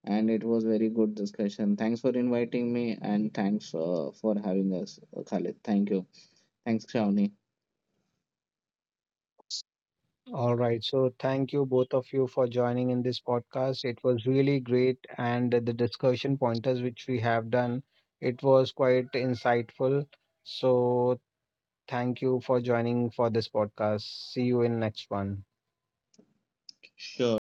Speaker 2: and it was very good discussion. Thanks for inviting me, and thanks for having us, Khalid. Thank you. Thanks, Shravani.
Speaker 1: All right. So, thank you both of you for joining in this podcast. It was really great, and the discussion pointers which we have done, it was quite insightful. So, thank you for joining for this podcast. See you in next one.
Speaker 2: Sure.